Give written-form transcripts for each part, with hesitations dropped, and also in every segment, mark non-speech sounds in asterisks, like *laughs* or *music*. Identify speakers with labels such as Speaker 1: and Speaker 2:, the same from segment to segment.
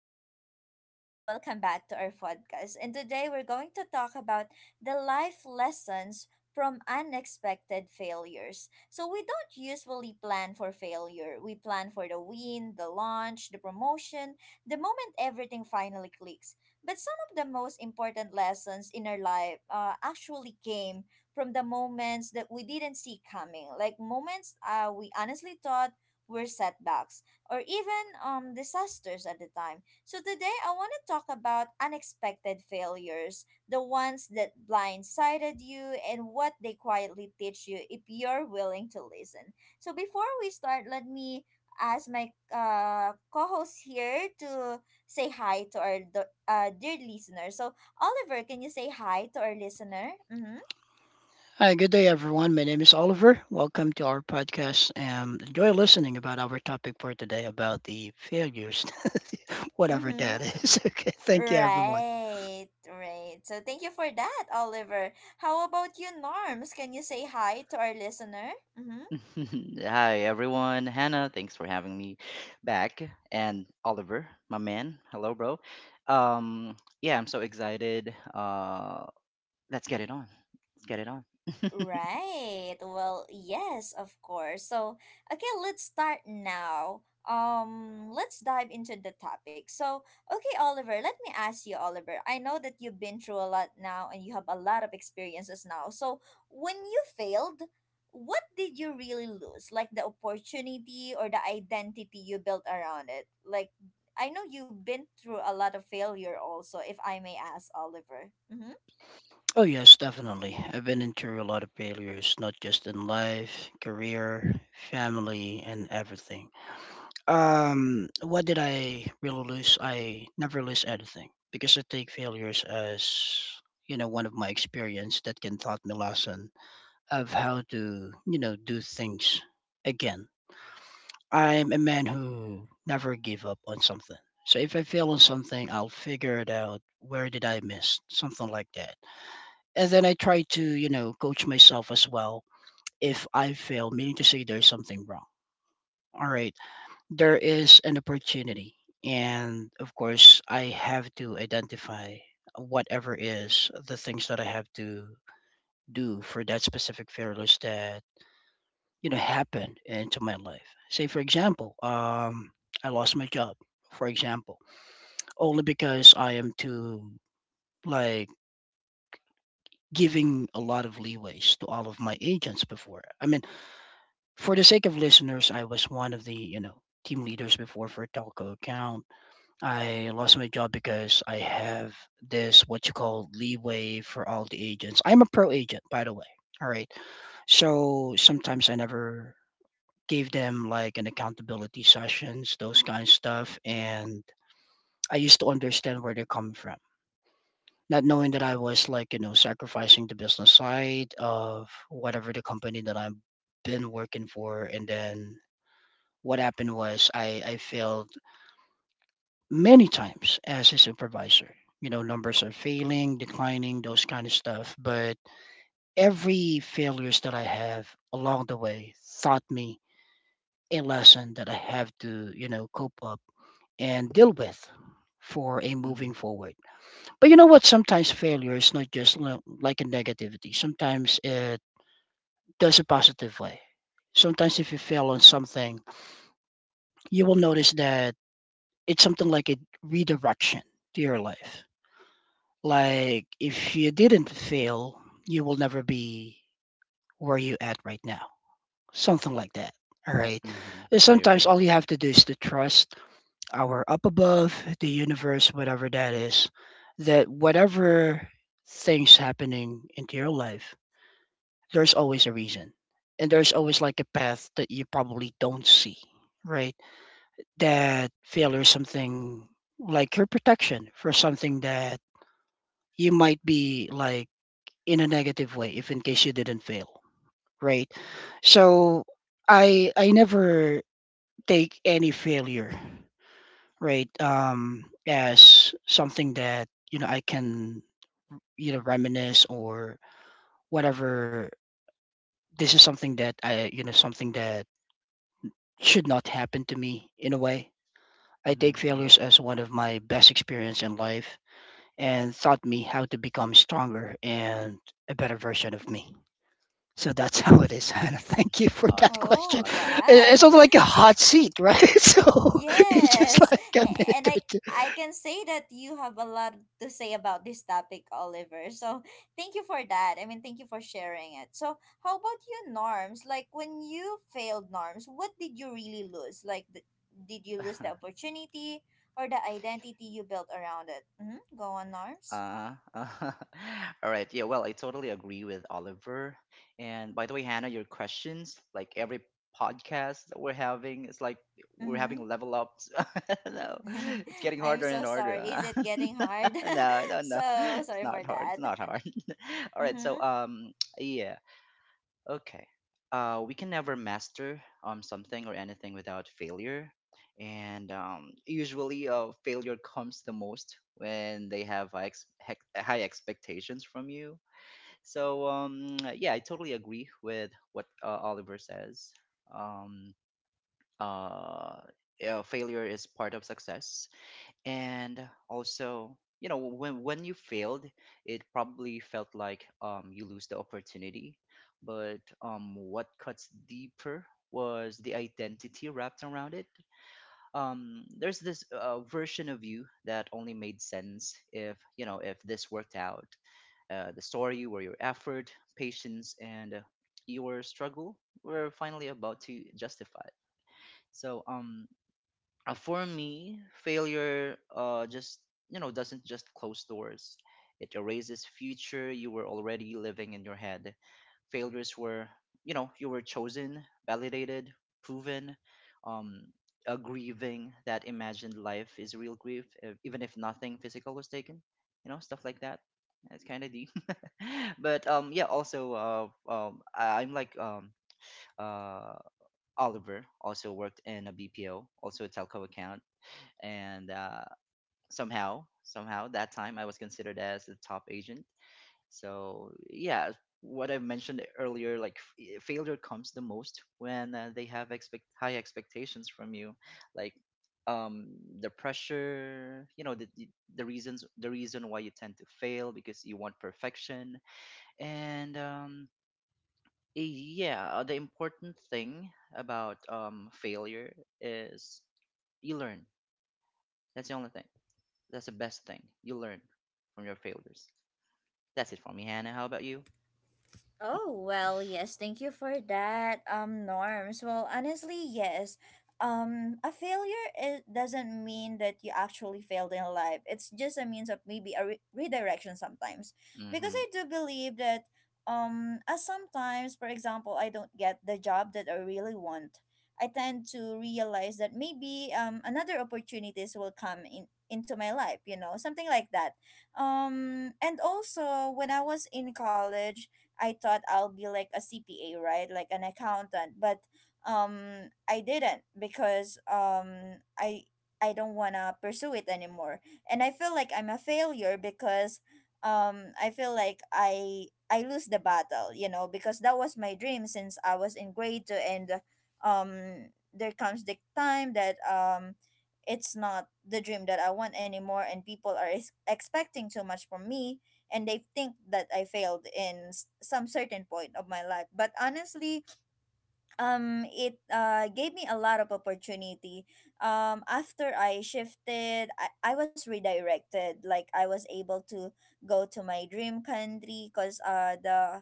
Speaker 1: Hello again, everyone. Welcome back to our podcast. And today we're going to talk about the life lessons from unexpected failures. So, we don't usually plan for failure. We plan for the win, the launch, the promotion, the moment everything finally clicks. But some of the most important lessons in our life actually came from the moments that we didn't see coming, like moments we honestly thought were setbacks or even disasters at the time. So today I want to talk about unexpected failures, the ones that blindsided you and what they quietly teach you if you're willing to listen. So before we start, let me ask my co-host here to say hi to our dear listener. So Oliver, can you say hi to our listener? Mm-hmm.
Speaker 2: Hi, good day, everyone. My name is Oliver. Welcome to our podcast. Enjoy listening about our topic for today about the failures, *laughs* whatever
Speaker 1: Mm-hmm.
Speaker 2: that is. *laughs* Okay, thank you, everyone.
Speaker 1: Right, right. So thank you for that, Oliver. How about you, Norms? Can you say hi to our listener? Mm-hmm.
Speaker 3: *laughs* Hi, everyone. Hannah, thanks for having me back. And Oliver, my man. Hello, bro. Yeah, I'm so excited. Let's get it on. Let's get it on.
Speaker 1: Right. Well, yes, of course. So okay, let's start now. Let's dive into the topic. So, okay, Oliver, let me ask you, Oliver. I know that you've been through a lot now and you have a lot of experiences now. So, when you failed, what did you really lose? Like the opportunity or the identity you built around it? Like, I know you've been through a lot of failure also, if I may ask, Oliver. Mm-hmm.
Speaker 2: Oh yes, definitely. I've been into a lot of failures, not just in life, career, family, and everything. What did I really lose? I never lose anything because I take failures as one of my experience that can taught me lesson of how to, you know, do things again. I'm a man who never give up on something. So if I fail on something, I'll figure it out. Where did I miss? Something like that. And then I try to, you know, coach myself as well. If I fail, meaning to say there's something wrong. All right, there is an opportunity. And of course, I have to identify whatever is the things that I have to do for that specific failures that happen into my life. Say, for example, I lost my job, for example, only because I am too, like, giving a lot of leeways to all of my agents before. I mean, for the sake of listeners, I was one of the, you know, team leaders before for a telco account. I lost my job because I have this, what you call, leeway for all the agents. I'm a pro agent, by the way. All right. So sometimes I never gave them like an accountability sessions, those kind of stuff. And I used to understand where they're coming from, not knowing that I was like, you know, sacrificing the business side of whatever the company that I've been working for. And then what happened was I failed many times as a supervisor. You know, numbers are failing, declining, those kind of stuff. But every failures that I have along the way taught me a lesson that I have to, you know, cope up and deal with for a
Speaker 3: Mm-hmm.
Speaker 2: moving forward. But you know what? Sometimes failure is not just like a negativity. Sometimes it does a positive way. Sometimes if you fail on something, you will notice that it's something like a redirection to your life. Like if you didn't fail, you will never be where you at right now. Something like that. All right.
Speaker 3: Mm-hmm.
Speaker 2: And
Speaker 3: I
Speaker 2: sometimes
Speaker 3: agree.
Speaker 2: all you have to do is to trust our up above, the universe, whatever that is, that whatever things happening into your life, there's always a reason. And there's always like a path that you probably don't see, right? That failure is something like your protection for something that you might be like in a negative way if in case you didn't fail, right? So I never take any failure right as something that I can, you know, reminisce or whatever. This is something that I something that should not happen to me in a way. I
Speaker 3: Mm-hmm.
Speaker 2: take
Speaker 3: Mm-hmm.
Speaker 2: failures as one of my best experience in life and taught me how to become stronger and a better version of me. So that's *laughs* how it is, *laughs* Hannah. Thank you for that
Speaker 3: Awesome.
Speaker 2: question.
Speaker 1: Oh,
Speaker 3: Awesome.
Speaker 2: It- it's sort of
Speaker 1: wow.
Speaker 2: like a
Speaker 1: *laughs*
Speaker 2: hot seat, right? *laughs* So it's just
Speaker 1: Yes,
Speaker 2: like a
Speaker 1: a- and
Speaker 2: minute
Speaker 1: I
Speaker 2: or two.
Speaker 1: I can say that you have a lot to say about this topic, Oliver. So thank you for that. I mean, thank you for sharing it. So how about you, Norms? Like when you failed Norms, what did you really lose? Did you lose the
Speaker 3: *laughs*
Speaker 1: opportunity or the identity you built around it? Mm-hmm. Go on, Norms.
Speaker 3: Uh, uh, *laughs* all right. Yeah. Well, I totally agree with Oliver. And by the way, Hannah, your questions, like every podcast that we're having, it's like we're
Speaker 1: Mm-hmm.
Speaker 3: having level ups. *laughs* No,
Speaker 1: *laughs*
Speaker 3: it's getting
Speaker 1: I'm
Speaker 3: harder and
Speaker 1: so
Speaker 3: harder.
Speaker 1: sorry. Is it
Speaker 3: Huh?
Speaker 1: getting hard?
Speaker 3: *laughs* No,
Speaker 1: *laughs*
Speaker 3: no, no.
Speaker 1: So
Speaker 3: It's
Speaker 1: sorry for
Speaker 3: not hard.
Speaker 1: that.
Speaker 3: It's not hard. *laughs* All right. So,
Speaker 1: Mm-hmm.
Speaker 3: yeah. Okay. We can never master something or anything without failure. And usually, failure comes the most when they have high expectations from you. So, yeah, I totally agree with what Oliver says. Um, uh, yeah, failure is part of success. And also, you know, when you failed, it probably felt like you lose the opportunity, but what cuts deeper was the identity wrapped around it. There's this version of you that only made sense if, you know, if this worked out. The story where your effort, patience, and your struggle were finally about to justify. So, for me, failure just, you know, doesn't just close doors. It erases future you were already living in your head. Failures were. You were chosen, validated, proven. Um, a grieving that imagined life is real grief, even if nothing physical was taken. You know stuff like that. It's kind of deep. *laughs* But yeah. Also, I- I'm like uh, Oliver also worked in a BPO, also a telco account. And somehow that time, I was considered as the top agent. So, yeah, what I mentioned earlier, like, failure comes the most when they have expect high expectations from you, like, um the pressure. You know, the reason why you tend to fail, because you want perfection. And yeah, the important thing about failure is you learn. That's the only thing. That's the best thing. You learn from your failures. That's it for me, Hannah. How about you?
Speaker 1: Oh, well, yes, thank you for that, Norms. Well, honestly, yes. A failure, it doesn't mean that you actually failed in life. It's just a means of maybe a redirection sometimes. Because
Speaker 3: Mm-hmm.
Speaker 1: I do believe that as sometimes, for example, I don't get the job that I really want. I tend to realize that maybe another opportunities will come in into my life, you know, something like that. And also when I was in college, I thought I'll be like a CPA, right? Like an accountant. But I didn't because um, I don't wanna pursue it anymore. And I feel like I'm a failure because I feel like I lose the battle, you know, because that was my dream since I was in grade two, and there comes the time that it's not the dream that I want anymore, and people are expecting too much from me, and they think that I failed in some certain point of my life. But honestly, it gave me a lot of opportunity. After I shifted, I was redirected. Like I was able to go to my dream country because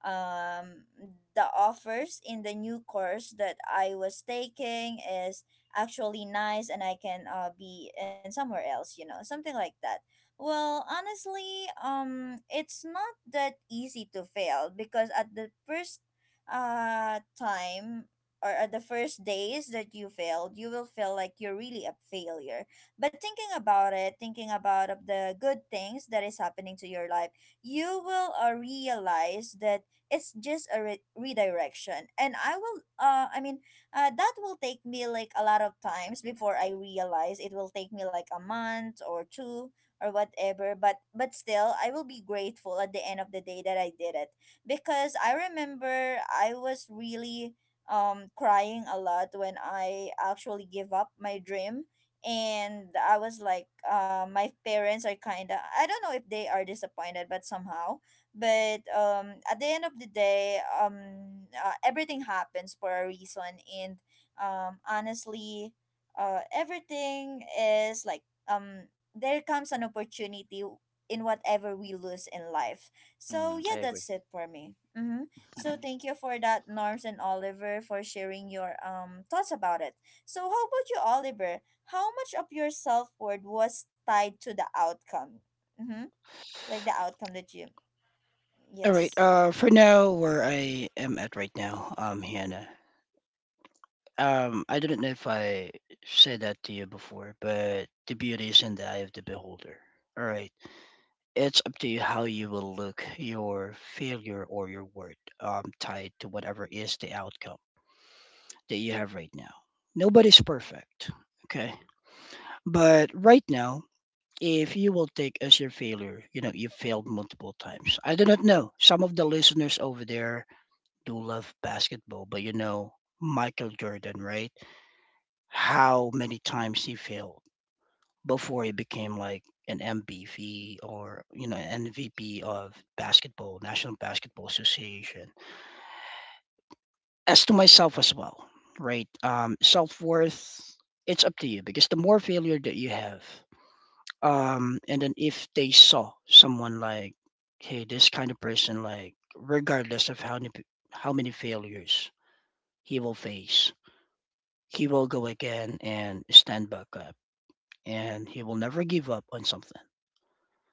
Speaker 1: um the offers in the new course that I was taking is actually nice, and I can be in somewhere else, you know, something like that. Well, honestly, it's not that easy to fail, because at the first time, or the first days that you failed, you will feel like you're really a failure. But thinking about it, thinking about of the good things that is happening to your life, you will realize that it's just a redirection. And I will, that will take me like a lot of times before I realize. It will take me like a month or two or whatever. But still, I will be grateful at the end of the day that I did it, because I remember I was really crying a lot when I actually give up my dream. And I was like my parents are kind of, I don't know if they are disappointed but somehow. But at the end of the day, everything happens for a reason. And honestly, everything is like there comes an opportunity in whatever we lose in life. So
Speaker 3: Mm, I
Speaker 1: yeah,
Speaker 3: agree.
Speaker 1: that's it for me. Mm-hmm. So
Speaker 3: *laughs*
Speaker 1: thank you for that, Norms and Oliver, for sharing your thoughts about it. So how about you, Oliver? How much of your self worth was tied to the outcome? Mm-hmm. Like the outcome that you,
Speaker 2: All right.
Speaker 1: yes.
Speaker 2: For now, where I am at right now, Hannah. I didn't know if I said that to you before, but the beauty is in the eye of the beholder. All right. It's up to you how you will look your failure or your worth, tied to whatever is the outcome that you have right now. Nobody's perfect. Okay. But right now, if you will take as your failure, you know, you failed multiple times. I do not know. Some of the listeners over there do love basketball, but you know, Michael Jordan, right? How many
Speaker 3: Mhm,
Speaker 2: times he failed before he became like an MVP or, you know, an MVP of basketball, National Basketball Association. As to myself as well, right? Self worth, it's up to you because the more failure that you have, and then if they saw someone like, hey, this kind of person, like, regardless of how many failures he will face, he will go again and stand back up, and he will never give up on something.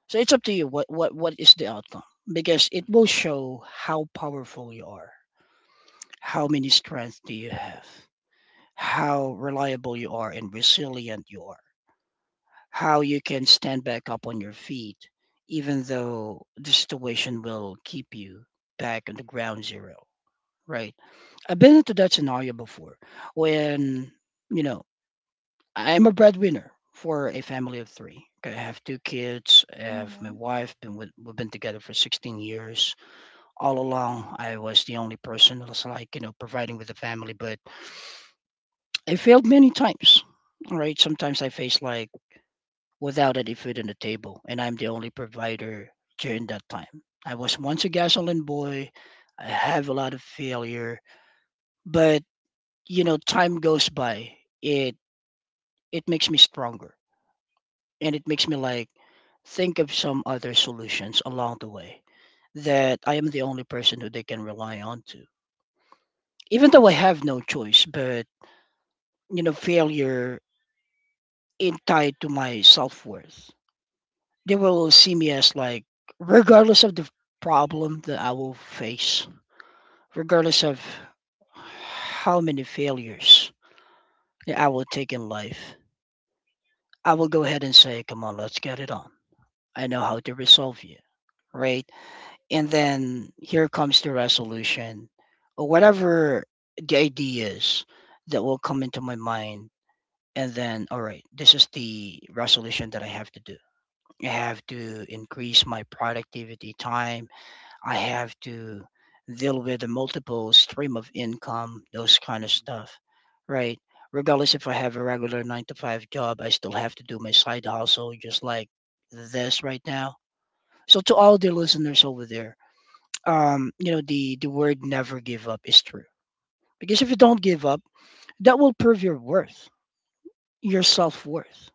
Speaker 2: So it's up to you what what is the outcome because it
Speaker 3: mhm,
Speaker 2: will show how powerful you are, how many strengths do you have, how reliable you are, and resilient you are. How you can stand back up on your feet, even though the situation will keep you back on the ground zero, right? I've been into that scenario before when, you know, I'm a breadwinner for a family of 3. Okay, I have 2 kids. I have my
Speaker 1: Mm-hmm.
Speaker 2: wife. Been with, we've been together for 16 years. All along, I was the only person that was like, you know, providing with the family. But I failed many times. All right. Sometimes I faced like without any food on the table, and I'm the only provider during that time. I was once a gasoline boy. I have a lot of failure, but you know, time goes by. It it makes me stronger, and it makes me like think of some other solutions along the way that I am the only person who they can rely on to. Even though I have no choice, but you know, failure is tied to my self worth. They will see me as like, regardless of the problem that I will face, regardless of how many failures that I will take in life, I will go ahead and say, come on, let's get it on. I know how to resolve you, right? And then here comes the resolution or whatever the idea is that will come into my mind. And then, all right, this is the resolution that I have to do. I have to increase my productivity time. I have to deal with a multiple stream of income, those kind of
Speaker 3: mhm,
Speaker 2: stuff, right? Regardless if I have a regular 9 to 5 job, I still have to do my side hustle just like this right now. So to all the listeners over there, you know, the word never give up is true. Because if you don't give up, that will prove your worth, your self worth.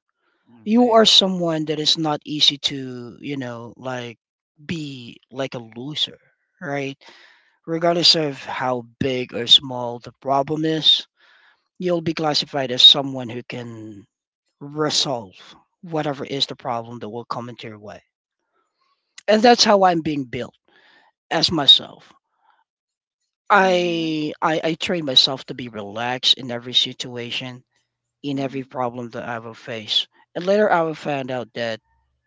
Speaker 3: mhm, I
Speaker 2: You are
Speaker 3: agree.
Speaker 2: someone that is not easy to, you know, like be like a loser, right? Regardless of how big or small the problem is, you'll be classified as someone who can resolve whatever is the problem that will come into your way. And that's how I'm being built as myself.
Speaker 1: Mm-hmm.
Speaker 2: I train myself to be relaxed in every situation, in every
Speaker 1: Mm-hmm.
Speaker 2: problem that I will face. And later I will find out that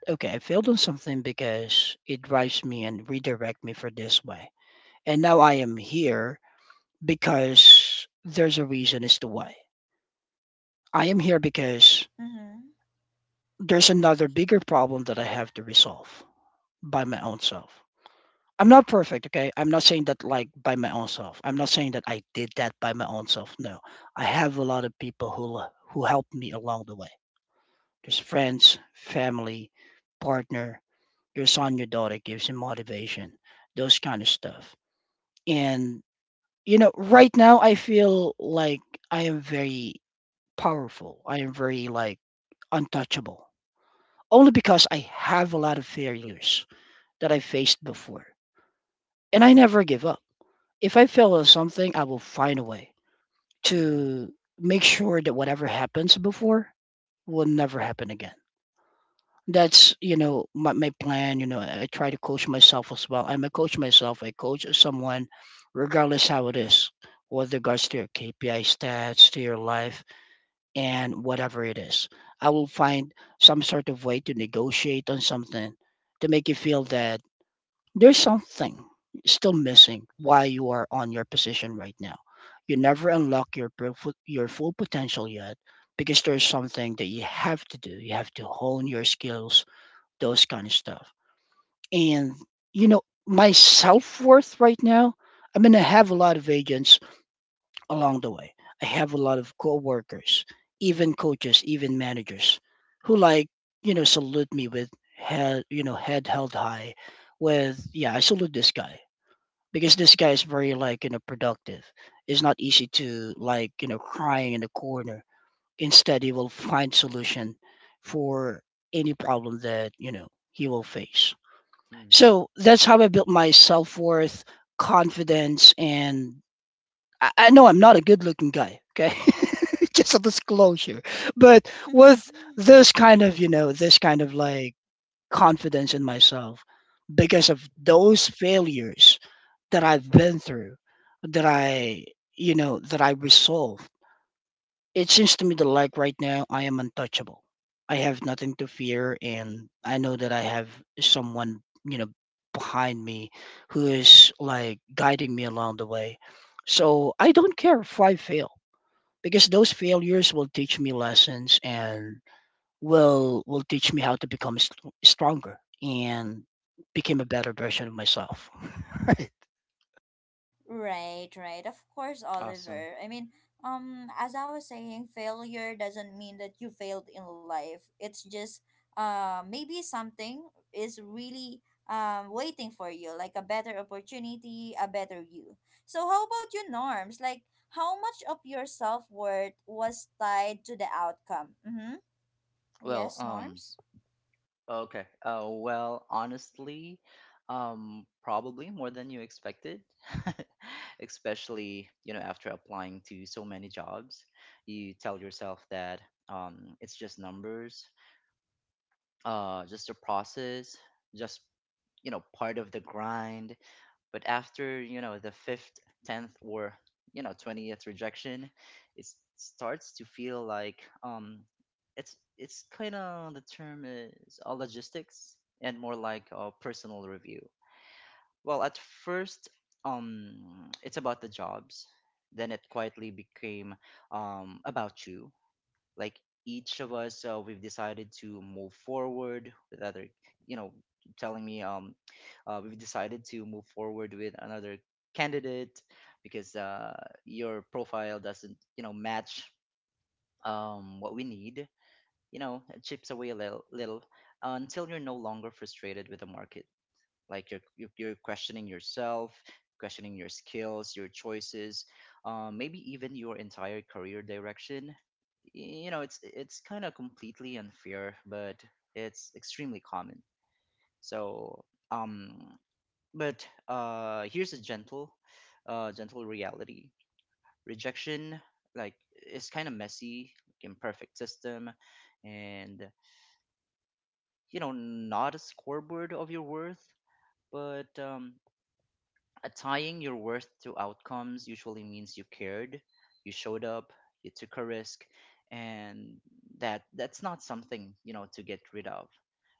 Speaker 2: okay, I failed on something because it drives me and redirect me for this way. And now I am here because there's a reason as to why. I am here because there's another bigger problem that I have to resolve by my own self. I'm not perfect, okay? I'm not saying that like by my own self. I'm not saying that I did that by my own self. No. I have a lot of people who helped me along the way. There's friends, family, partner, your son, your daughter gives you motivation, those kind of stuff. And you know, right now I feel like I am very powerful. I am very like untouchable. Only because I have a lot of failures that I faced before. And I never give up. If I fail at something, I will find a way
Speaker 3: Hmm.
Speaker 2: to make sure that whatever happens before will never happen again. That's, you know, my plan. You know, I try to coach myself as well. I'm a coach myself. I coach someone regardless how it is, with regards to your KPI stats, to your life, and whatever it is. I will find some sort of way to negotiate on something to make you feel that there's something still missing why you are on your position right now. You never unlock your your full potential yet because there's something that you have to do. You have to hone your skills, those kind of stuff. And you know, my self-worth right now, I mean I have a lot of agents along the way. I have a lot of co-workers, even coaches, even managers who like, you know, salute me with head, you know, head held high with yeah, I salute this guy because this guy is very like you know productive. It's not easy to like you know crying in the corner. Instead, he will find solution for any problem that you know he will face.
Speaker 3: Hmm.
Speaker 2: So that's how I built my self worth, confidence, and I know I'm not a good looking guy. Okay. *laughs* Just a disclosure but with
Speaker 1: Mm-hmm. *laughs*
Speaker 2: this kind of you know this kind of like confidence in myself because of those failures that I've been through, that I, that I resolve. It seems to me that, like right now, I am untouchable. I have nothing to fear, and I know that I have someone, you know, behind me who is like guiding me along the way. So I don't care if I fail because those failures will teach me lessons and will teach me how to become stronger and become a better version of myself. *laughs*
Speaker 1: Right, right. Of course,
Speaker 3: Awesome.
Speaker 1: Oliver. I mean, as I was saying, failure doesn't mean that you failed in life. It's just maybe something is really waiting for you, like a better opportunity, a better you. So how about you, Norms? Like how much of your self worth was tied to the outcome? Mm-hmm.
Speaker 3: Well,
Speaker 1: Yes, Norms?
Speaker 3: okay. Well, honestly, probably more than you expected. *laughs* Especially, you know, after applying to so many jobs, you tell yourself that it's just numbers, just a process, just, you know, part of the grind. But after, you know, the fifth, tenth, or, you know, 20th rejection, it starts to feel like it's kind of, the term is logistics, and more like a personal review. Well, at first, it's about the jobs. Then it quietly became about you. Like, each of us, we've decided to move forward with other, you know, telling me, we've decided to move forward with another candidate, because your profile doesn't, match what we need. You know, it chips away a little, little, until you're no longer frustrated with the market. Like, you're questioning yourself, questioning your skills, your choices, maybe even your entire career direction. You know, it's kind of completely unfair, but it's extremely common. So, um but here's a gentle, gentle reality. Rejection, like, is kind of messy, like imperfect system, and, you know, not a scoreboard of your worth. But tying your worth to outcomes usually means you cared, you showed up, you took a risk, and that's not something, you know, to get rid of.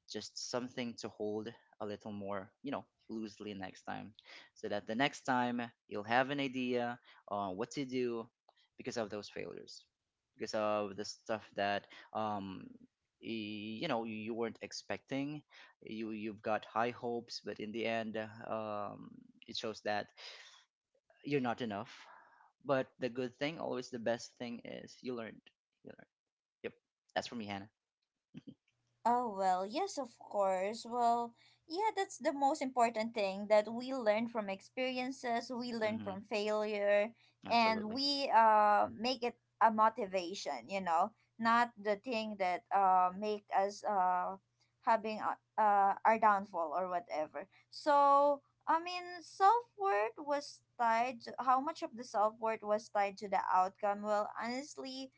Speaker 3: Just something to hold a little more, you know, loosely next time, so that the next time you'll have an idea on what to do, because of those failures, because of the stuff that um you know you weren't expecting. You've got high hopes, but in the end, um, it shows that you're not enough. But the good thing, always the best thing, is you learned. Yep. That's for me, Hannah.
Speaker 1: Oh, well, yes, of course. Well, yeah, that's the most important thing, that we learn from experiences, we learn
Speaker 3: Mm-hmm.
Speaker 1: from failure, and
Speaker 3: Absolutely.
Speaker 1: we make it a motivation, you know, not the thing that make us having our downfall or whatever. So, I mean, self worth was tied to, how much of the self worth was tied to the outcome? Well, honestly,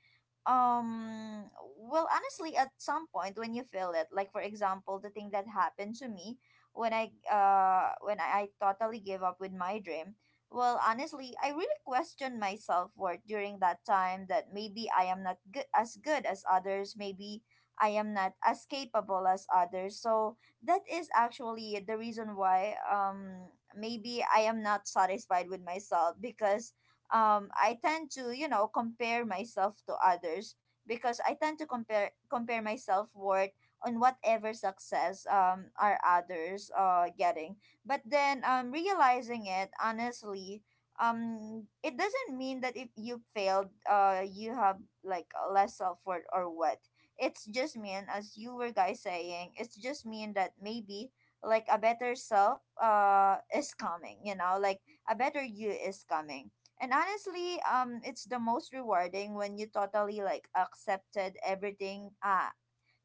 Speaker 1: um well honestly, at some point when you feel it, like for example the thing that happened to me when totally gave up with my dream, well honestly I really questioned my self-worth during that time, that maybe I am not good as good as others, maybe I am not as capable as others. So that is actually the reason why maybe I am not satisfied with myself, because I tend to, you know, compare myself to others, because I tend to compare myself worth on whatever success are others getting. But then, realizing it honestly, it doesn't mean that if you failed you have like less self-worth or what. It's just mean, as you were guys saying, it's just mean that maybe like a better self is coming, you know, like a better you is coming. And honestly, it's the most rewarding when you totally like accepted everything.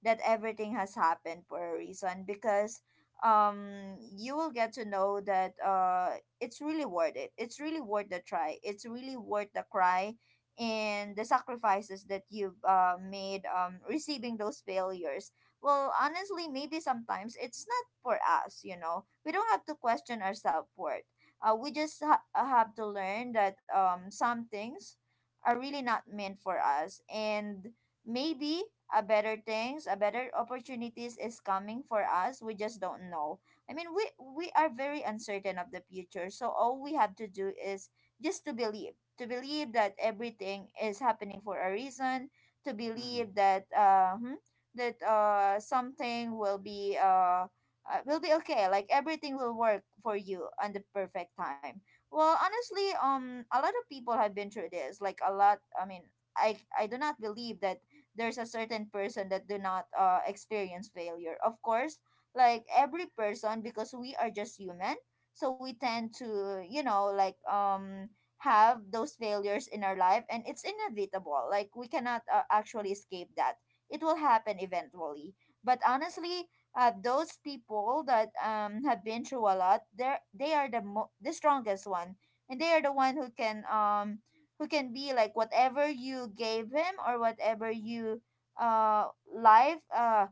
Speaker 1: That everything has happened for a reason, because you will get to know that it's really worth it, it's really worth the try, it's really worth the cry and the sacrifices that you've made receiving those failures. Well honestly, maybe sometimes it's not for us, you know, we don't have to question our self-worth. We just have to learn that some things are really not meant for us, and maybe a better things, a better opportunities is coming for us, we just don't know. I mean, we are very uncertain of the future, so all we have to do is just to believe. To believe that everything is happening for a reason, to
Speaker 3: Mm-hmm.
Speaker 1: believe that that something will be okay, like everything will work for you on the perfect time. Well honestly, a lot of people have been through this, like a lot. I mean, I do not believe that there's a certain person that do not experience failure, of course. Like every person, because we are just human, so we tend to, you know, like have those failures in our life, and it's inevitable, like we cannot actually escape that, it will happen eventually. But honestly, those people that have been through a lot, they are the the strongest one, and they are the one who can be like, whatever you gave him or whatever you uh life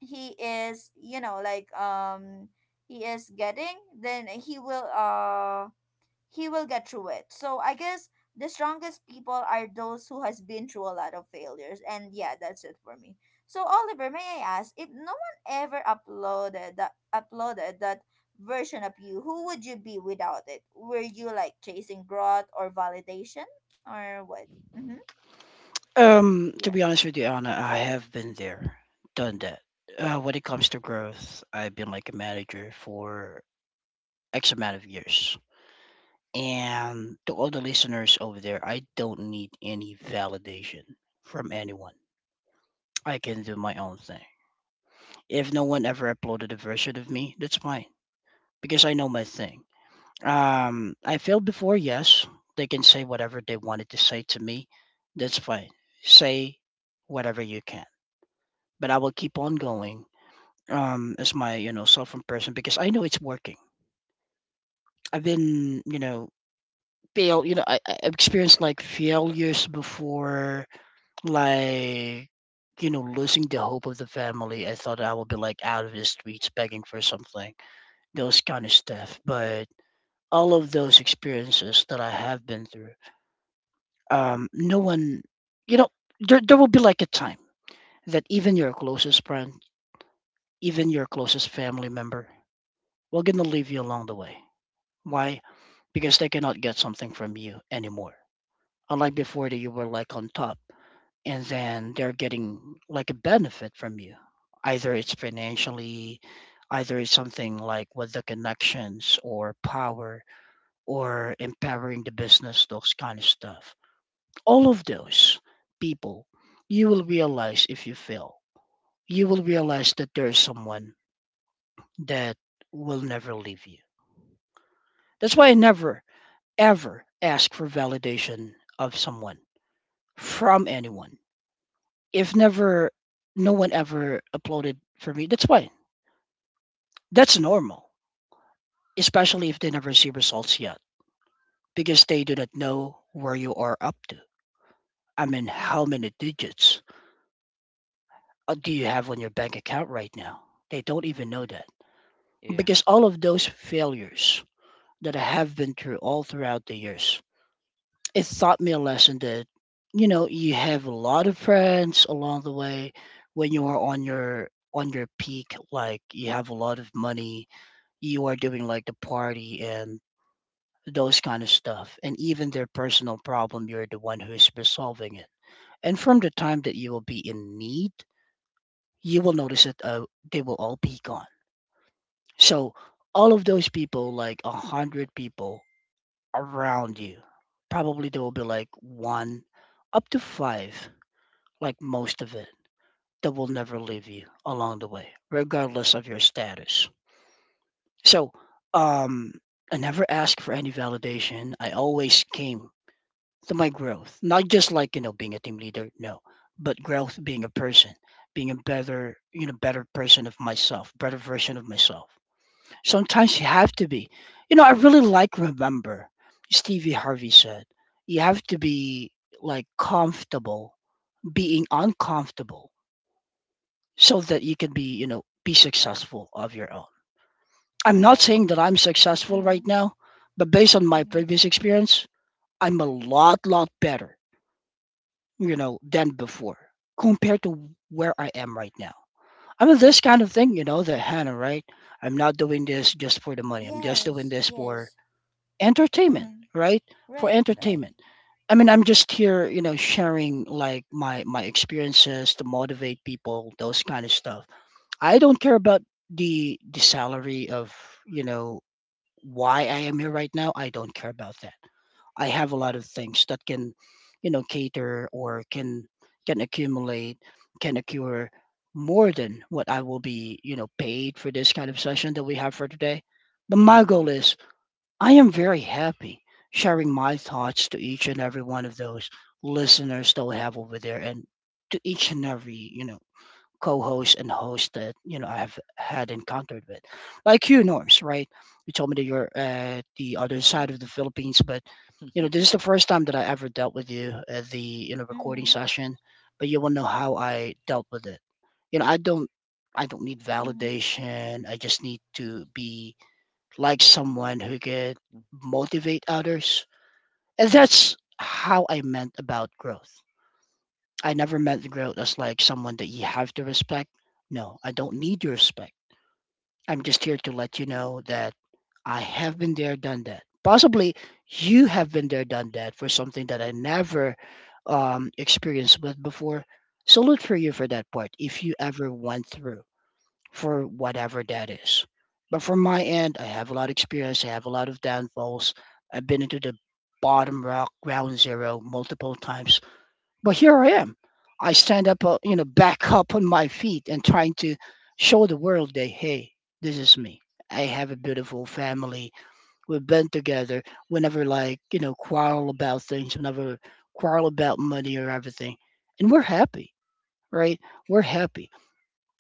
Speaker 1: he is, you know, like he is getting, then he will get through it. So I guess the strongest people are those who has been through a lot of failures. And yeah, that's it for me. So Oliver, may I ask, if no one ever uploaded that version of you, who would you be without it? Were you like chasing growth or validation or what? Mm-hmm.
Speaker 2: To be
Speaker 1: Yes.
Speaker 2: honest with you, Anna, I have been there, done that. When it comes to growth, I've been like a manager for X amount of years. And to all the listeners over there, I don't need any validation from anyone. I can do my own thing. If no one ever uploaded a version of me, that's fine because I know my thing. I failed before, yes. They can say whatever they wanted to say to me. That's fine. Say whatever you can, but I will keep on going as my self in person because I know it's working. I've been you know fail you know I've experienced like failures before, like losing the hope of the family. I thought I would be like out of the streets begging for something, those kind of stuff. But all of those experiences that I have been through, no one, you know, there will be like a time that even your closest friend, even your closest family member, will gonna leave you along the way. Why? Because they cannot get something from you anymore. Unlike before that you were like on top and then they're getting like a benefit from you. Either it's financially, either it's something like with the connections or power or empowering the business, those kind of stuff. All of those people you will realize if you fail. You will realize that there is someone that will never leave you. That's why I never ever ask for validation of someone from anyone. If never, no one ever uploaded for me, that's fine. That's normal, especially if they never see results yet, because they do not know where you are up to. I mean, how many digits do you have on your bank account right now? They don't even
Speaker 3: Mm-hmm.
Speaker 2: know that
Speaker 3: Yeah.
Speaker 2: because all of those failures that I have been through all throughout the years. It taught me a lesson that, you know, you have a lot of friends along the way when you are on your peak, like you have a lot of money, you are doing like the party and those kind of stuff. And even their personal problem, you're the one who's resolving it. And from the time that you will be in need, you will notice that they will all be gone. So all of those people, like 100 people around you, probably there will be like one up to five, like most of it, that will never leave you along the way, regardless of your status. So, um, I never asked for any validation. I always came to my growth, not just like you know being a team leader, no, but growth, being a person, being a better you know better person of myself, better version of myself. Sometimes you have to be. You know, I really like remember Stevie Harvey said, you have to be like comfortable being uncomfortable so that you can be, you know, be successful of your own. I'm not saying that
Speaker 1: Right.
Speaker 2: I'm successful right
Speaker 1: Mm-hmm.
Speaker 2: now, but based on my
Speaker 1: Mm-hmm.
Speaker 2: previous experience, I'm a lot, lot better, you know, than before compared to where I am right now. I mean, this kind of thing, the Hannah, right? I'm not doing this just for the money. I'm just doing
Speaker 1: Yes.
Speaker 2: this for
Speaker 1: Yes.
Speaker 2: entertainment,
Speaker 1: Mm-hmm.
Speaker 2: right? For
Speaker 1: Right.
Speaker 3: Mm-hmm.
Speaker 1: Right.
Speaker 2: entertainment. I mean, I'm just here, you know, sharing like my experiences to motivate people, those kind of stuff. I don't care about the salary of you know why I am here right now. I don't care about that. I have a lot of things that can, you know, cater or can accumulate, can accrue more than what I will be, you know, paid for this kind of session that we have for today. But my
Speaker 3: Mm-hmm.
Speaker 2: goal is I am very happy sharing my thoughts to each and every one of those listeners that we have over there and to each and every co-hosts and hosts that I've had encountered with, like you, Norms. Right? You told me that you're the other side of the Philippines, but
Speaker 3: Mm-hmm.
Speaker 2: this is
Speaker 3: *laughs*
Speaker 2: the first time that I ever dealt with you at the recording
Speaker 1: Mm-hmm.
Speaker 2: session. But you will know how I dealt with it. You know, I don't. I don't need
Speaker 1: Mm-hmm.
Speaker 2: validation. I just need to be like someone who could motivate others. And that's how I meant about growth. I never met the girl as like someone that you have to respect. No, I don't need your respect. I'm just here to let you know that I have been there, done that. Possibly you have been there, done that for something that I never experienced with before. Salute for you for that part if you ever went through for whatever that is. But from my end, I have a lot of experience. I have a lot of downfalls. I've been into the bottom rock, ground zero, multiple times, but here I am. I stand up, back *laughs* up on my feet and trying to show the world that, hey, this is me. I have a beautiful family. We've been together. We never like, quarrel about things. We never quarrel about money or everything. And we're happy, right? We're happy.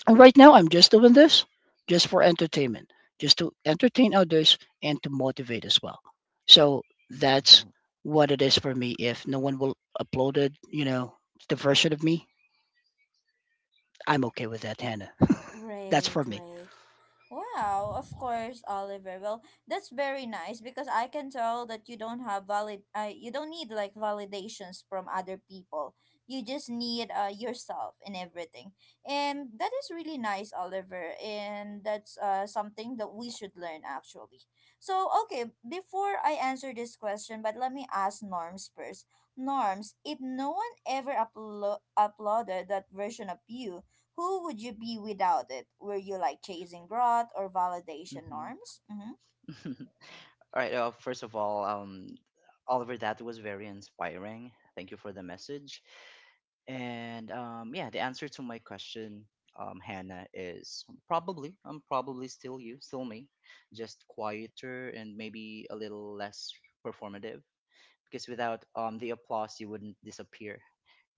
Speaker 2: And right now, I'm just doing this just for entertainment, just to entertain others and to motivate as well. So that's
Speaker 3: Mm-hmm.
Speaker 2: what it is for me. If no one will upload it, the version of me, I'm okay with that, Hannah. *laughs* That's
Speaker 1: Right,
Speaker 2: for me.
Speaker 1: right. Wow, of course, Oliver. Well, that's very nice, because I can tell that you don't have valid you don't need like validations from other people. You just need yourself and everything. And that is really nice, Oliver, and that's something that we should learn actually. So, okay, before I answer this question, but let me ask Norms first. Norms, if no one ever uploaded that version of you, who would you be without it? Were you like chasing growth or validation,
Speaker 3: Mm-hmm.
Speaker 1: norms? Mm-hmm.
Speaker 3: *laughs* All right. First of all, Oliver, that was very inspiring. Thank you for the message. And yeah, the answer to my question, Hannah, is probably. I'm probably still you, still me, just quieter and maybe a little less performative. Because without the applause, you wouldn't disappear,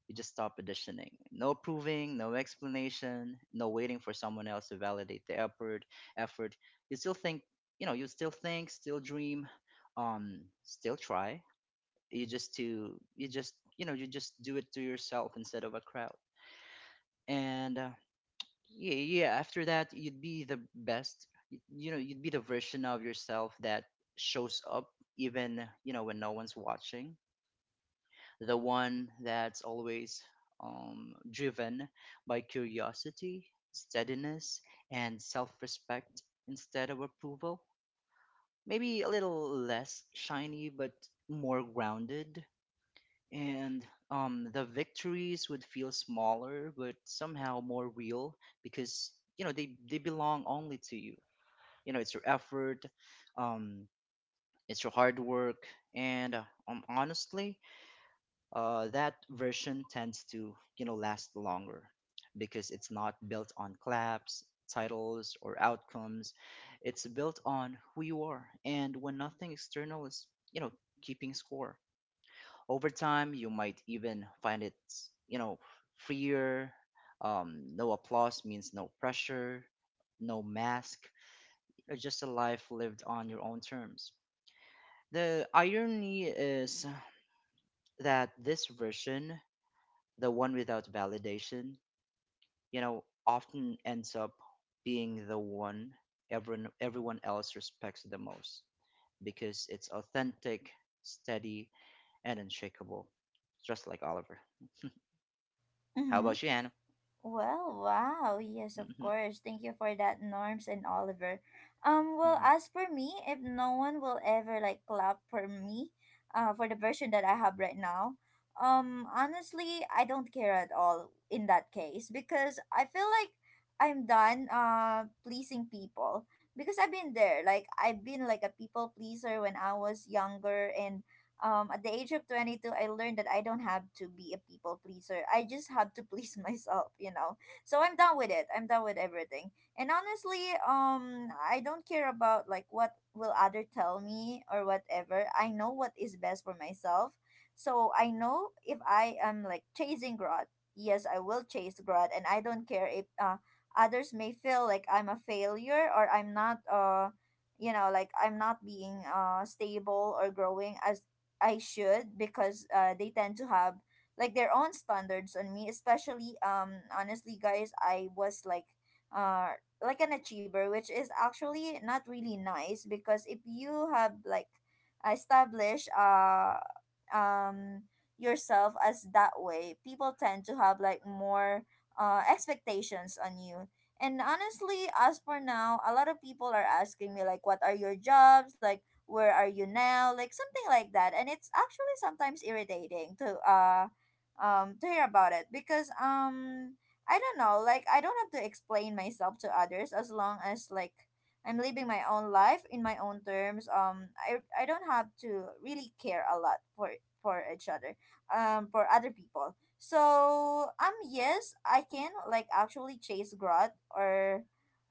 Speaker 3: you just stop auditioning. No proving, no explanation, no waiting for someone else to validate the effort. Effort. You still think, still dream, still try. You just to, you just, you know, you just do it to yourself instead of a crowd. And yeah, yeah. After that, you'd be the best. You know, you'd be the version of yourself that shows up even, when no one's watching, the one that's always driven by curiosity, steadiness, and self respect instead of approval. Maybe a little less shiny, but more grounded. And the victories would feel smaller, but somehow more real because, you know, they belong only to you. You know, it's your effort, um, it's your hard work, and honestly, that version tends to, last longer, because it's not built on claps, titles, or outcomes. It's built on who you are, and when nothing external is, you know keeping score, over time you might even find it, you know freer. No applause means no pressure, no mask, just a life lived on your own terms. The irony is that this version, the one without validation, you know, often ends up being the one everyone else respects the most, because it's authentic, steady, and unshakable, just like Oliver. How
Speaker 1: Mm-hmm.
Speaker 3: about you, Anna?
Speaker 1: Well, wow. Yes, of
Speaker 3: Hmm.
Speaker 1: course. Thank you for that, Norms and Oliver. Well,
Speaker 3: Hmm.
Speaker 1: as for me, if no one will ever like clap for me, for the version that I have right now, honestly, I don't care at all in that case because I feel like I'm done pleasing people because I've been there. Like I've been like a people pleaser when I was younger and at the age of 22, I learned that I don't have to be a people pleaser. I just have to please *laughs* myself, So I'm done with it. I'm done with everything. And honestly, I don't care about like what will other tell me or whatever. I know what is best for myself. So I know if I am like chasing growth, yes, I will chase growth, and I don't care if others may feel like I'm a failure or I'm not you know like I'm not being stable or growing as I should because they tend to have like their own standards on me, especially honestly guys, I was uh like an achiever, which is actually not really nice because if you have like established um yourself as that way, people tend to have like more expectations on you. And honestly, as for now, a lot of people are asking me like what are your jobs? Like where are you now like something like that, and it's actually sometimes irritating to hear about it because I don't know, like I don't have to explain myself to others as long as like I'm living my own life in my own terms. I don't have to really care a lot for each other, for other people. So yes, I can like actually chase growth or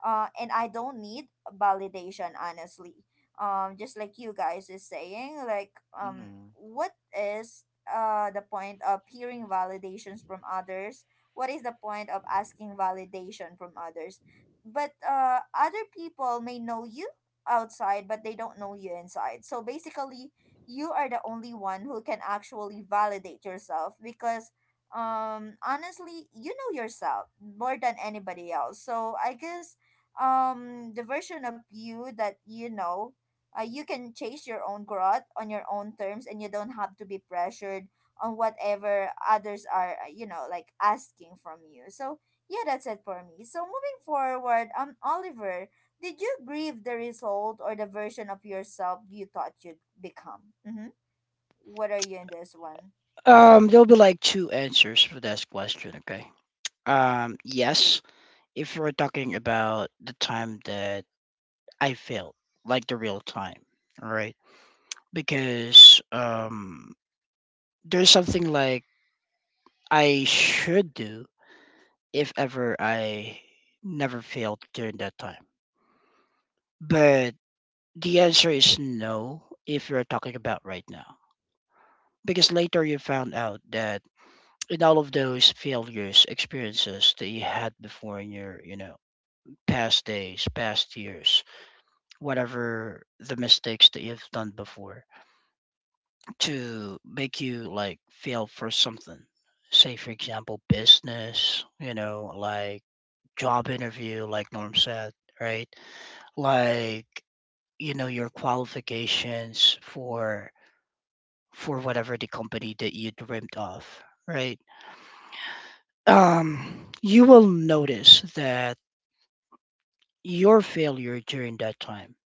Speaker 1: and I don't need validation honestly. Just like you guys is saying, like
Speaker 3: Hmm.
Speaker 1: what is the point of hearing validations from others, what is the point of asking validation from others? But other people may know you outside but they don't know you inside, so basically you are the only one who can actually validate yourself because honestly you know yourself more than anybody else. So I guess the version of you that you know, you can chase your own growth on your own terms, and you don't have to be pressured on whatever others are, like asking from you. So yeah, that's it for me. So moving forward, Oliver, did you grieve the result or the version of yourself you thought you'd become? Mm-hmm. What are you in this one?
Speaker 2: There'll be like two answers for this question. Okay. Yes, if we are talking about the time that I failed, like the real time, all right, because there's something like I should do if ever I never failed during that time. But the answer is no if you're talking about right now. Because later you found out that in all of those failures, experiences that you had before in your past days, past years, whatever the mistakes that you've done before to make you like fail for something. Say for example business, you know, like job interview, like Norm said, right? Like, you know, your qualifications for whatever the company that you dreamt of, right? You will notice that your failure during that time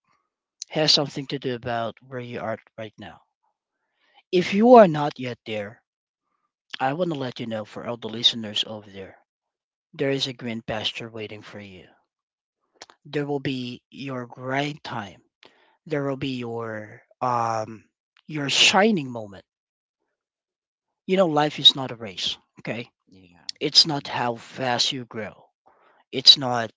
Speaker 2: has something to do about where you are right now. If you are not yet there, I want to let you know for all the listeners over there, there is a green pasture waiting for you. There will be your grind time. There will be your shining moment. You know, life is not a race, okay?
Speaker 3: Yeah.
Speaker 2: It's not how fast you grow. It's not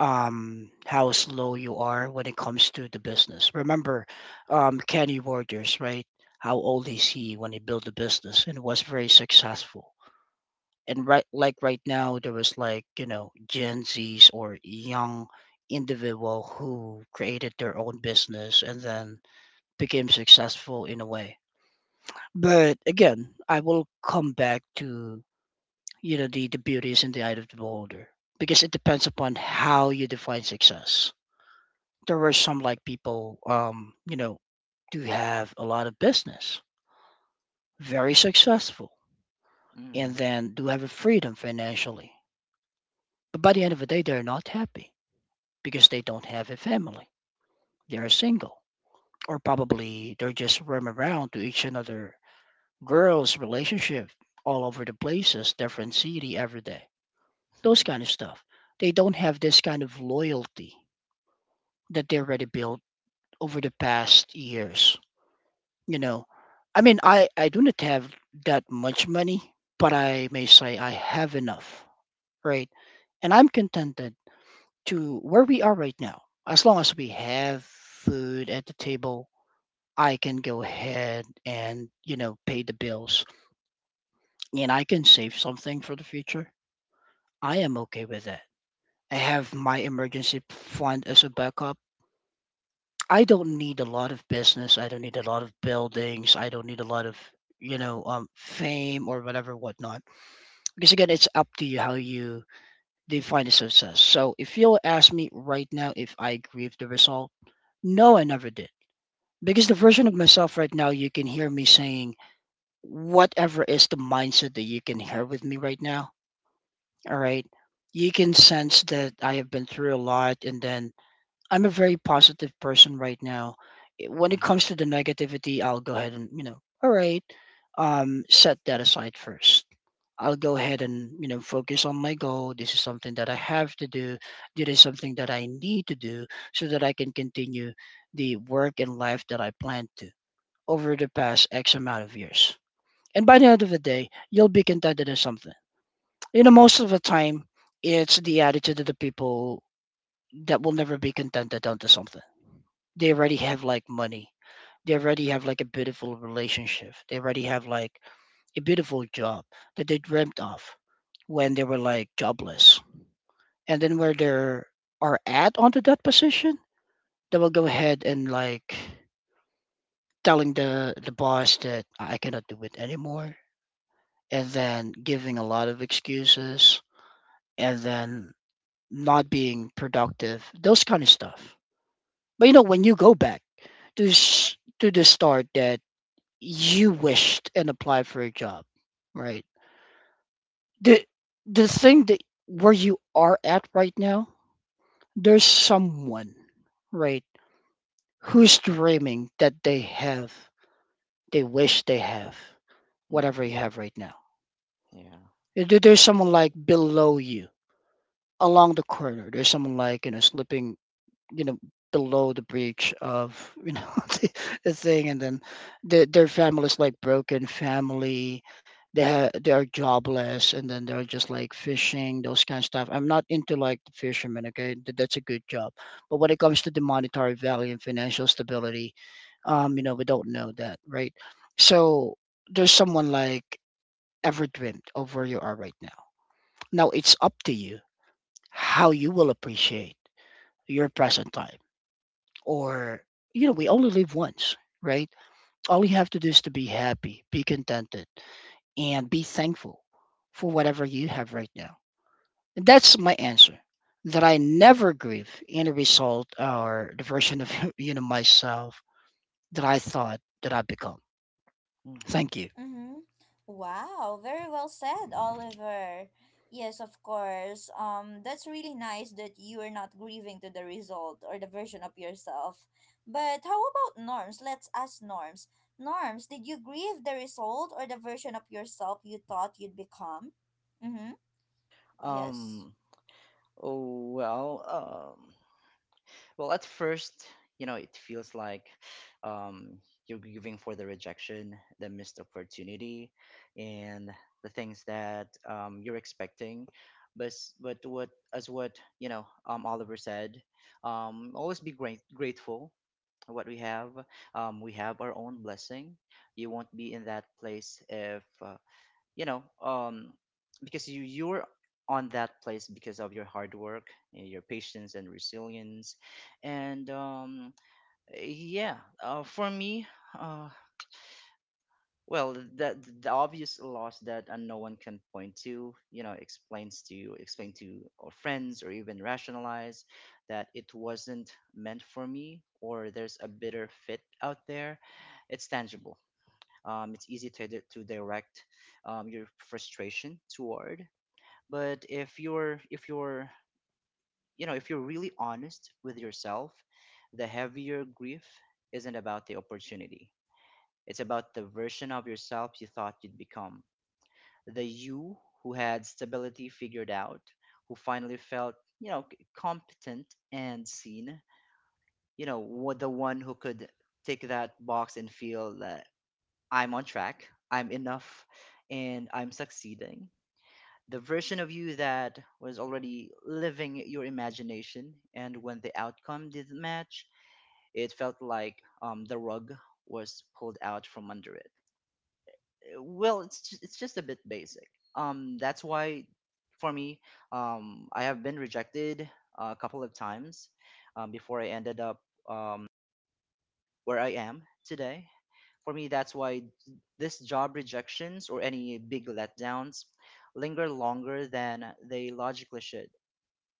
Speaker 2: how slow you are when it comes to the business. Remember Kenny Rogers, right? How old is he when he built the business and was very successful. And right like right now there was like Gen Zs or young individual who created their own business and then became successful in a way. But again, I will come back to the beauty is in the eye of the beholder because it depends upon how you define success. There were some like people, do have a lot of business, very successful, and
Speaker 3: Hmm.
Speaker 2: then do have a freedom financially. But by the end of the day, they're not happy because they don't have a family. They're single, or probably they're just roaming around to each another girls' relationship all over the places, different city every day. Those kind of
Speaker 3: Hmm.
Speaker 2: stuff. They don't have this kind of loyalty that they already built over the past years. You know, I mean, I do not have that much money, but I may say I have enough, right? And I'm contented to where we are right now. As long as we have food at the table, I can go ahead and pay the bills, and I can save something for the future. I am okay with that. I have my emergency fund as a backup. I don't need a lot of business. I don't need a lot of buildings. I don't need a lot of fame or whatever whatnot. Because again, it's up to you how you define the success. So if you'll ask me right now if I agree with the result, no, I never did. Because the version of myself right now, you can hear me saying whatever is the mindset that you can hear with me right now. All right. You can sense that I have been through a lot, and then I'm a very positive person right now. When
Speaker 3: *laughs*
Speaker 2: it comes
Speaker 3: Hmm.
Speaker 2: to the negativity, I'll go ahead and, you know, all right, set that aside first. I'll go ahead and, you know, focus on my goal. This is something that I have to do. This is something that I need to do so that I can continue the work and life that I planned to over the past X amount of years. And by the end of the day, you'll be contented in something. You know, most of the time, it's the attitude of the people that will never be contented onto something they already have, like money, they already have like a beautiful relationship, they already have like a beautiful job that they dreamt of when they were like jobless. And then where they are at onto that position, they will go ahead and like telling the boss that I cannot do it anymore, and then giving a lot of excuses, and then not being productive, those kind of stuff. But you know, when you go back to to the start that you wished and applied for a job, right? The the thing that where you are at right now, there's someone, right, who's dreaming that they have, they wish they have whatever
Speaker 3: Hmm.
Speaker 2: you have right now.
Speaker 3: Yeah.
Speaker 2: There's someone like below you, along the corner. There's someone like, you know, slipping, you know, below the breach of, you know, *laughs* the, the thing, and then their families, like broken family, they they are jobless, and then they're just like fishing, those kind of stuff. I'm not into like the fishermen, okay. That's a good job, but when it comes to the monetary value and financial stability, you know, we don't know that, right? So there's someone like ever dreamt of where you are right now. Now it's up to you how you will appreciate your present time. Or you know, we only live once, right? All you have to do is to be happy, be contented, and be thankful for whatever you have right now. And that's my answer, that I never grieve any result or the version of *laughs* you know myself that I thought that I become.
Speaker 3: Hmm.
Speaker 2: Thank you.
Speaker 1: Mm-hmm. Wow, very well said, Oliver. Yes, of course. That's really nice that you are not grieving to the result or the version of yourself. But how about Norms? Let's ask Norms. Norms, did you grieve the result or the version of yourself you thought you'd become? Mm-hmm. Yes.
Speaker 3: Um. Oh, well. Well, at first, it feels like um, you're grieving for the rejection, the missed opportunity, and the things that you're expecting. But what as what you know, Oliver said, always be great grateful for what we have. We have our own blessing. You won't be in that place if, you know um because you're on that place because of your hard work, your patience and resilience. And yeah, for me, uh well, the obvious loss that, no one can point to, explain to, or friends, or even rationalize that it wasn't meant for me, or there's a bitter fit out there. It's tangible. It's easy to, direct your frustration toward. But if you're really honest with yourself, the heavier grief isn't about the opportunity. It's about the version of yourself you thought you'd become. The you who had stability figured out, who finally felt, competent and seen, the one who could tick that box and feel that I'm on track, I'm enough, and I'm succeeding. The version of you that was already living your imagination. And when the outcome didn't match, it felt like the rug was pulled out from under it. Well, it's just a bit basic. That's why, for me, I have been rejected a couple of times, before I ended up um, where I am today. For me, that's why this job rejections or any big letdowns linger longer than they logically should.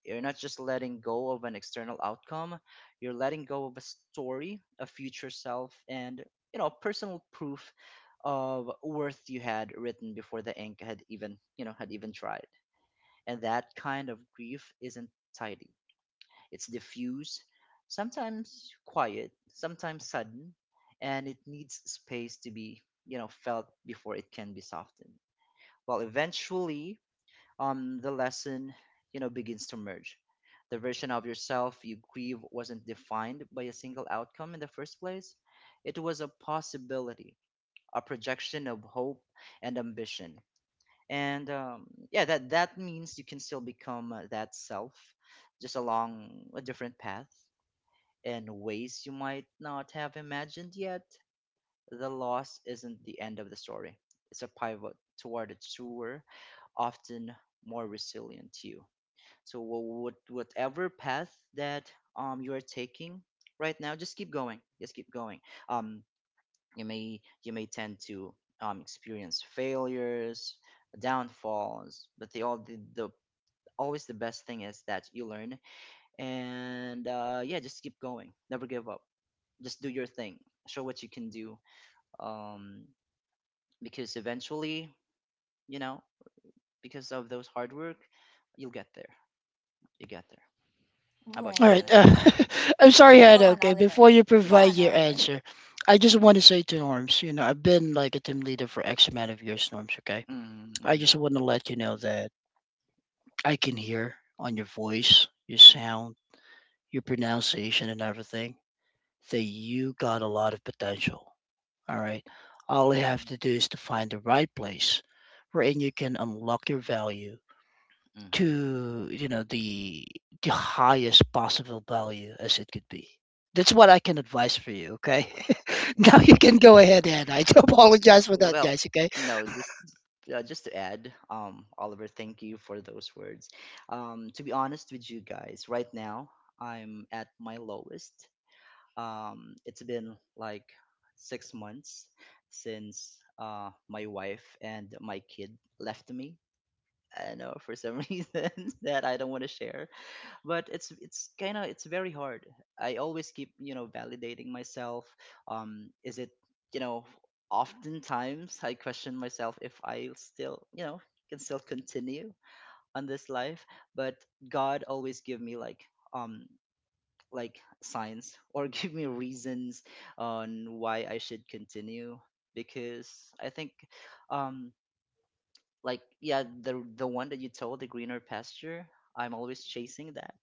Speaker 3: You're not just letting go of an external outcome, you're letting go of a story, a future self, and, you know, personal proof of worth you had written before the ink had even, tried. And that kind of grief isn't tidy. It's diffuse, sometimes quiet, sometimes sudden, and it needs space to be, felt before it can be softened. Well, eventually, the lesson, begins to merge. The version of yourself you grieve wasn't defined by a single outcome in the first place. It was a possibility, a projection of hope and ambition. And yeah, that means you can still become that self, just along a different path and ways you might not have imagined yet. The loss isn't the end of the story. It's a pivot toward a truer, often more resilient you. So, what, whatever path that you are taking right now, just keep going. Just keep going. Um, you may tend to experience failures, downfalls, but the all the always the best thing is that you learn. And yeah, just keep going. Never give up. Just do your thing. Show what you can do. Um, because eventually, you know, because of those hard work, you'll get there. You get there. How about you,
Speaker 2: All right.
Speaker 3: Hannah?
Speaker 1: Right.
Speaker 2: *laughs* I'm sorry,
Speaker 1: Go
Speaker 2: Hannah.
Speaker 1: on,
Speaker 2: Okay,
Speaker 1: Oliver.
Speaker 2: before you
Speaker 1: Go
Speaker 2: provide
Speaker 1: on,
Speaker 2: your
Speaker 1: Oliver.
Speaker 2: answer, I just
Speaker 1: Mm-hmm.
Speaker 2: want to say to Norms, you know, I've been like a team leader for X amount of years, Norms, okay?
Speaker 3: Mm-hmm.
Speaker 2: I
Speaker 3: Mm-hmm,
Speaker 2: just want to let you know that I can hear on your voice, your sound, your pronunciation, and everything that you got a lot of potential. All right. All you have
Speaker 3: mm-hmm.
Speaker 2: to do is to find the right place wherein you can unlock your value
Speaker 3: Mhm.
Speaker 2: to, you know, the highest possible value as it could be. That's what I can advise for you, okay? *laughs* Now you can go
Speaker 3: *laughs*
Speaker 2: ahead, Hannah. I do *laughs* apologize for that,
Speaker 3: Well,
Speaker 2: guys, okay?
Speaker 3: no, just to add, Oliver, thank you for those words. To be honest with you guys, right now I'm at my lowest. It's been like 6 months since my wife and my kid left me. I know for some *laughs* reason that I don't want to share. But it's kind of, it's very hard. I always keep, validating myself. Is it, you know, oftentimes I question myself if I still, can still continue on this life. But God always give me like, um signs or *laughs* give me reasons on why I should continue, because I think, um like, yeah, the one that you told, the greener pasture, I'm always chasing that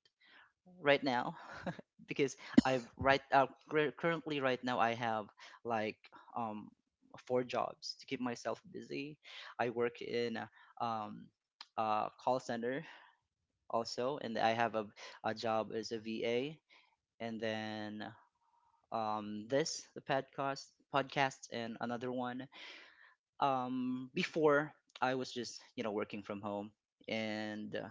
Speaker 3: right now. *laughs* Because currently right now I have like um four jobs to keep myself busy. I work in um a call center also, and I have a job as a VA. And then this, the podcast, and another one. Before, I was just, working from home. And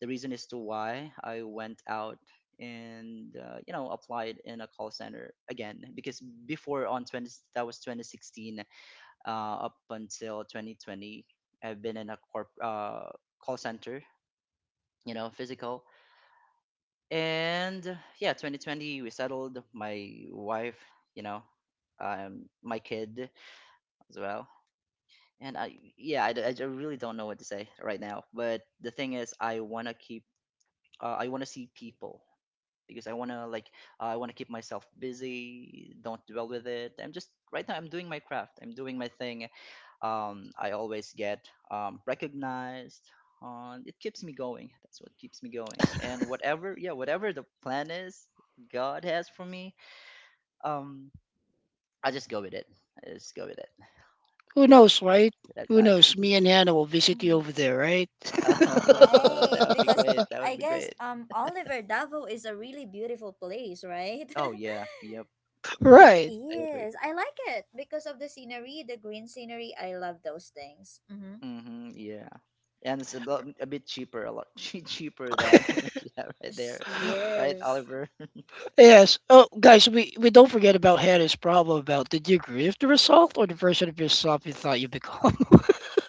Speaker 3: the reason as to why I went out and, applied in a call center again, because before, on 20, that was 2016, up until 2020, I've been in a corp call center, you know, physical. And yeah, 2020, we settled, my wife, you know my kid as well. And I yeah I d- really don't know what to say right now. But the thing is, I wanna see people, because I wanna keep myself busy. Don't dwell with it. I'm just right now. I'm doing my craft. I'm doing my thing. I always get recognized. On, it keeps me going. That's what keeps me going. And whatever, whatever the plan is God has for me, um, I just go with it. I just go with it.
Speaker 2: Who
Speaker 3: Yep,
Speaker 2: knows, right?
Speaker 3: that's
Speaker 2: Who
Speaker 3: life.
Speaker 2: knows?
Speaker 3: *laughs*
Speaker 2: Me and Hannah will visit
Speaker 1: Mm-hmm.
Speaker 2: you over there, right?
Speaker 3: Oh, *laughs*
Speaker 1: Right,
Speaker 3: that would be
Speaker 1: because
Speaker 3: great.
Speaker 2: *laughs*
Speaker 3: That
Speaker 1: I
Speaker 3: would be
Speaker 1: guess
Speaker 3: great.
Speaker 1: Oliver,
Speaker 3: *laughs*
Speaker 1: Davo is a really beautiful place, right?
Speaker 3: Oh yeah, yep,
Speaker 1: *laughs* It
Speaker 3: yeah.
Speaker 2: Right.
Speaker 3: I agree.
Speaker 1: is. I like it because of the scenery, the green scenery. I love those things. Mm-hmm.
Speaker 3: Mm-hmm, yeah. And it's a bit cheaper, a lot *laughs* cheaper than
Speaker 2: *laughs*
Speaker 3: *laughs* yeah, right there, *laughs* right,
Speaker 1: Yes.
Speaker 3: Oliver? *laughs*
Speaker 2: Yes. Oh, guys, we don't forget about Hannah's problem about did you agree with the result or the version of yourself you thought you become?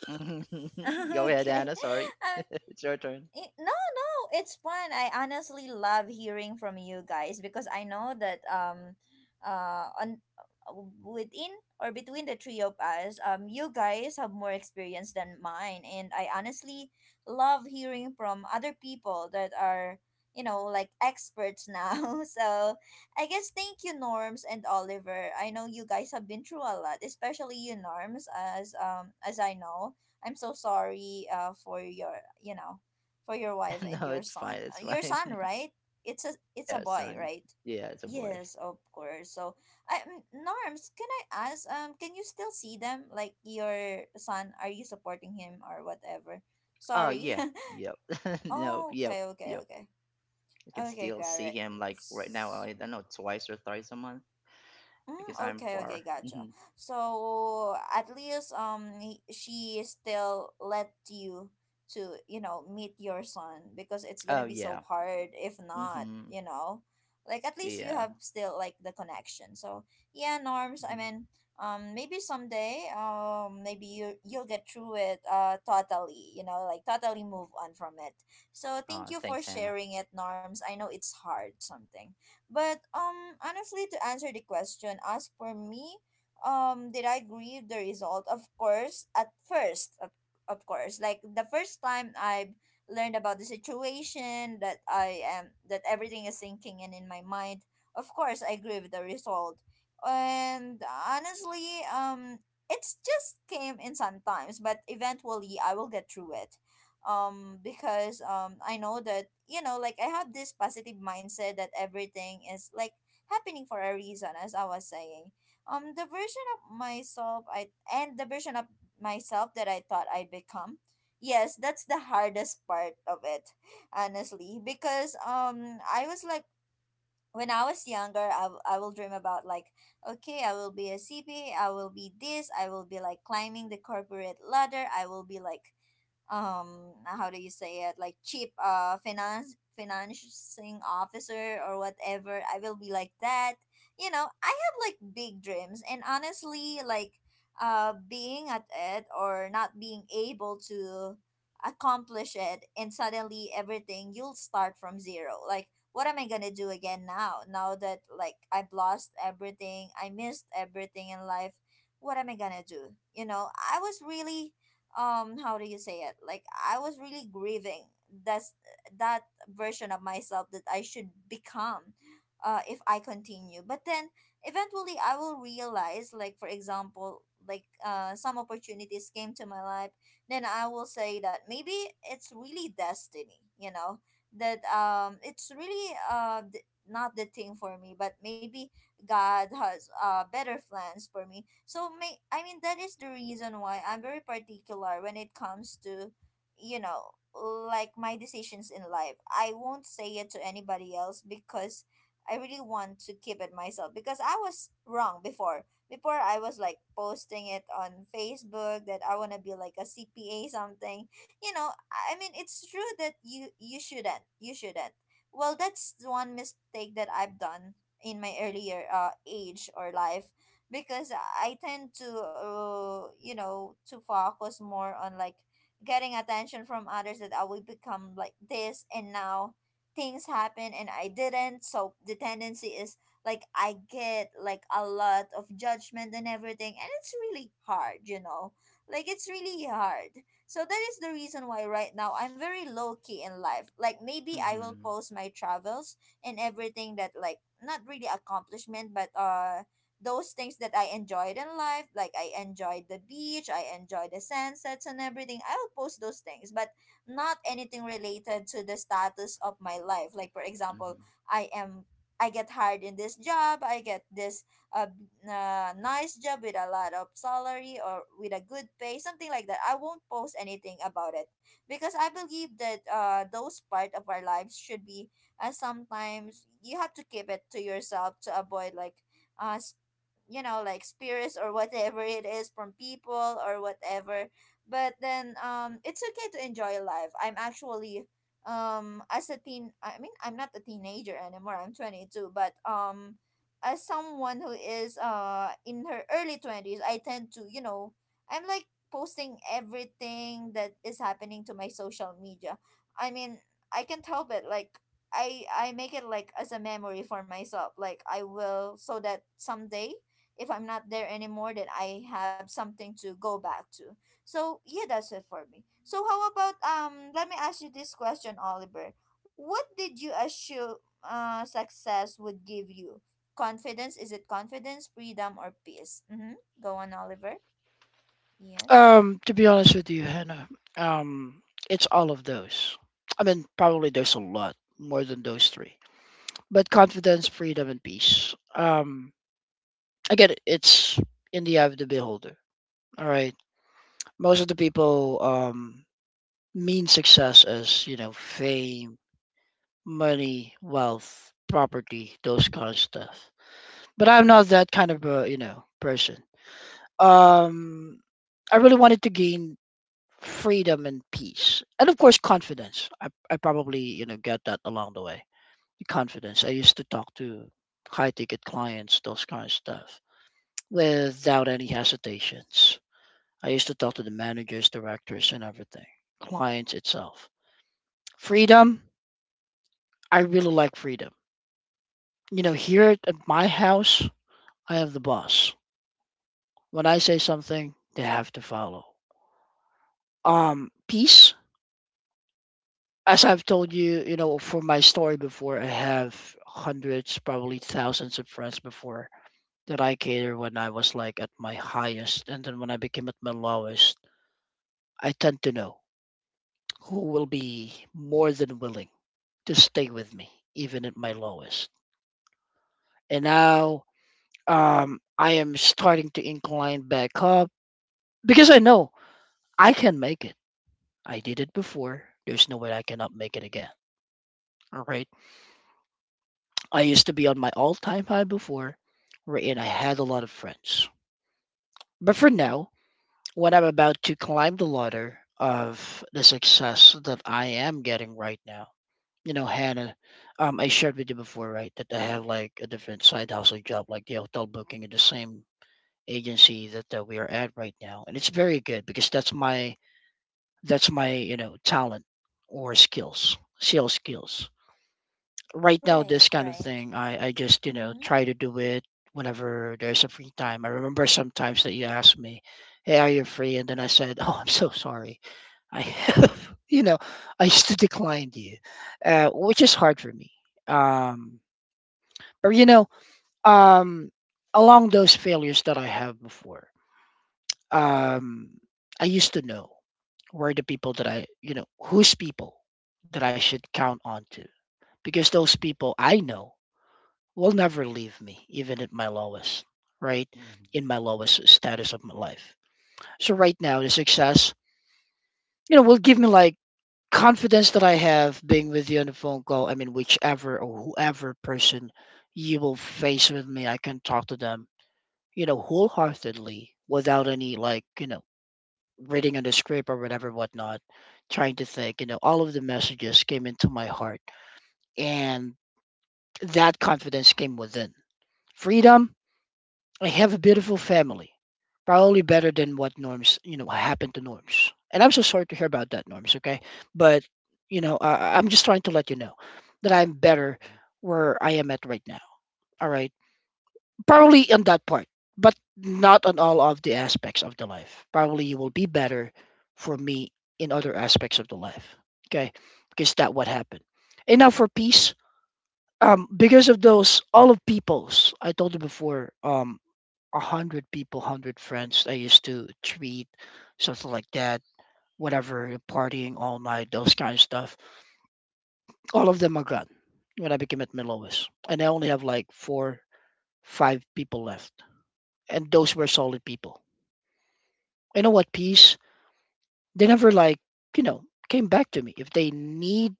Speaker 3: Mhm. *laughs*
Speaker 1: *laughs*
Speaker 3: Go ahead,
Speaker 1: Okay.
Speaker 3: Anna. Sorry,
Speaker 1: Uh,
Speaker 3: *laughs* it's your turn.
Speaker 1: it, no, it's fun. I honestly love hearing from you guys because I know that on uh, within or between the three of us, you guys have more experience than mine, and I honestly love hearing from other people that are you know like experts now. *laughs* So, I guess thank you, Norms and Oliver. I know you guys have been through a lot, especially you, Norms, as I know. I'm so sorry for your you know for your wife
Speaker 3: *laughs*
Speaker 1: and
Speaker 3: No,
Speaker 1: your
Speaker 3: it's fine.
Speaker 1: son.
Speaker 3: It's
Speaker 1: Your
Speaker 3: fine.
Speaker 1: son,
Speaker 3: *laughs*
Speaker 1: right? It's a
Speaker 3: Yeah,
Speaker 1: boy,
Speaker 3: son.
Speaker 1: right?
Speaker 3: Yeah, it's a boy.
Speaker 1: Yes, of course. So, I, Norms, can I ask? Can you still see them? Like your son, are you supporting him or whatever?
Speaker 3: Oh
Speaker 1: Sorry.
Speaker 3: yeah, yep. *laughs*
Speaker 1: *laughs*
Speaker 3: No,
Speaker 1: Oh,
Speaker 3: yep, yep. I can
Speaker 1: okay.
Speaker 3: still
Speaker 1: Got
Speaker 3: see
Speaker 1: it.
Speaker 3: him like right now.
Speaker 1: It's-
Speaker 3: I don't know, twice or thrice a month because
Speaker 1: Mm,
Speaker 3: I'm
Speaker 1: okay,
Speaker 3: far.
Speaker 1: gotcha.
Speaker 3: Hmm.
Speaker 1: So at least he, she still let you to you know meet your son, because it's
Speaker 3: Oh
Speaker 1: gonna be so
Speaker 3: yeah.
Speaker 1: hard if not,
Speaker 3: Mhm.
Speaker 1: you know, like at least you
Speaker 3: Yeah.
Speaker 1: have still like the connection. So yeah, Norms. I
Speaker 3: Mhm.
Speaker 1: mean, maybe someday maybe you you'll get through it totally, you know, like totally move on from it. So thank you for
Speaker 3: Thanks, Hannah.
Speaker 1: sharing it, Norms. I know it's hard something. But honestly, to answer the question, as for me, did I grieve the result? Of course, at first, of course. Like the first time I've learned about the situation that I am, that everything is sinking in my mind, of course I grieve the result. And honestly, it's just came in sometimes, but eventually I will get through it because I know that you know like I have this positive mindset that everything is like happening for a reason. As I was saying, the version of myself, I and the version of myself that I thought I'd become, yes, that's the hardest part of it honestly because I was like when I was younger, I will dream about like okay, I will be a CPA, I will be this, I will be like climbing the corporate ladder, I will be like how do you say it, like cheap finance financing officer or whatever, I will be like that. You know, I have like big dreams, and honestly like being at it, or not being able to accomplish it, and suddenly everything you'll start from zero, like what am I gonna do again now, now that like I've lost everything, I missed everything in life. What am I gonna do? You know, I was really how do you say it, like I was really grieving that's that version of myself that I should become if I continue. But then eventually I will realize, like for example like some opportunities came to my life, then I will say that maybe it's really destiny, you know, that it's really not the thing for me, but maybe God has better plans for me. So may I mean, that is the reason why I'm very particular when it comes to, you know, like my decisions in life. I won't say it to anybody else because I really want to keep it myself because I was wrong before. Before, I was like posting it on Facebook that I want to be like a CPA something. You know, I mean, it's true that you shouldn't. You shouldn't. Well, that's the one mistake that I've done in my earlier age or life, because I tend to you know, to focus more on like getting attention from others that I will become like this, and now things happen and I didn't, so the tendency is like I get like a lot of judgment and everything, and it's really hard, you know, like it's really hard. So that is the reason why right now I'm very low key in life. Like maybe I will
Speaker 3: Mhm.
Speaker 1: post my travels and everything that like not really accomplishment, but those things that I enjoyed in life, like I enjoyed the beach, I enjoyed the sunsets and everything. I'll post those things, but not anything related to the status of my life. Like for example,
Speaker 3: Mhm.
Speaker 1: I am I get hired in this job, I get this a nice job with a lot of salary or with a good pay, something like that. I won't post anything about it because I believe that those part of our lives should be sometimes you have to keep it to yourself to avoid like uh s- you know like spirits or whatever it is from people or whatever. But then it's okay to enjoy life. I'm actually as a teen, I mean I'm not a teenager anymore, I'm 22, but as someone who is in her early 20s, I tend to you know I'm like posting everything that is happening to my social media. I mean, I can't help it, like I make it like as a memory for myself. Like I will, so that someday if I'm not there anymore, that I have something to go back to. So yeah, that's it for me. So how about let me ask you this question, Oliver. What did you assume success would give you? Confidence? Is it confidence, freedom or peace? Mm-hmm. Go on, Oliver.
Speaker 2: *laughs*
Speaker 1: Yes.
Speaker 2: to be honest with you, Hannah, um, it's all of those. I mean, probably there's a lot more than those three, but confidence, freedom, and peace. Again, it's in the eye of the beholder. All right. Most of the people mean success as you know fame, money, wealth, property, those kind of stuff. But I'm not that kind of a you know person. Um, I really wanted to gain freedom and peace, and of course confidence. I probably you know get that along the way. The confidence. I used to talk to high ticket clients, those kind of stuff, without any hesitations. I used to talk to the managers, directors, and everything. Clients itself. Freedom. I really like freedom. You know, here at my house, I have the boss. When I say something, they have to follow. Peace. As I've told you, you know, for my story before, I have hundreds, probably thousands of friends before, that I cater, when I was like at my highest. And then when I became at my lowest, I tend to know who will be more than willing to stay with me even at my lowest. And now I am starting to incline back up because I know I can make it. I did it before. There's no way I cannot make it again. All right. I used to be on my all time high before, wherein I had a lot of friends. But for now, when I'm about to climb the ladder of the success that I am getting right now, you know, Hannah, I shared with you before, right, that I have like a different side hustle job, like the hotel booking at the same agency that we are at right now. And it's very good because that's that's my, you know, talent or skills, sales skills. Right now
Speaker 1: Right,
Speaker 2: this kind of
Speaker 1: right.
Speaker 2: thing, I just you know
Speaker 1: Mm-hmm.
Speaker 2: try to do it whenever there's a free time. I remember sometimes that you asked me, hey, are you free? And then I said, oh, I'm so sorry, I have, *laughs* you know, I used to decline you, which is hard for me. um or you know, um along those failures that I have before, um I used to know where the people that I, you know, whose people that I should count on to, because those people I know will never leave me, even at my lowest, right?
Speaker 3: Mhm.
Speaker 2: In my
Speaker 3: Mhm.
Speaker 2: lowest status of my life. So right now, the success, you know, will give me like confidence that I have being with you on the phone call. I mean, whichever or whoever person you will face with me, I can talk to them, you know, wholeheartedly without any like, you know, reading on the script or whatever, whatnot, trying to think, you know, all of the messages came into my heart, and that confidence came within. Freedom. I have a beautiful family. Probably better than what Norms, you know, happened to Norms. And I'm so sorry to hear about that, Norms, okay? But, you know, I, I'm just trying to let you know that I'm better where I am at right now, all right? Probably on that part, but not on all of the aspects of the life. Probably you will be better for me in other aspects of the life, okay? Because that what happened. And now for peace, because of those, all of peoples, I told you before, 100 people, 100 friends. I used to tweet, something like that, whatever, partying all night, those kind of stuff. All of them are gone when I became at my lowest. And I only have like five people left. And those were solid people. You know what, peace? They never like, you know, came back to me. If they need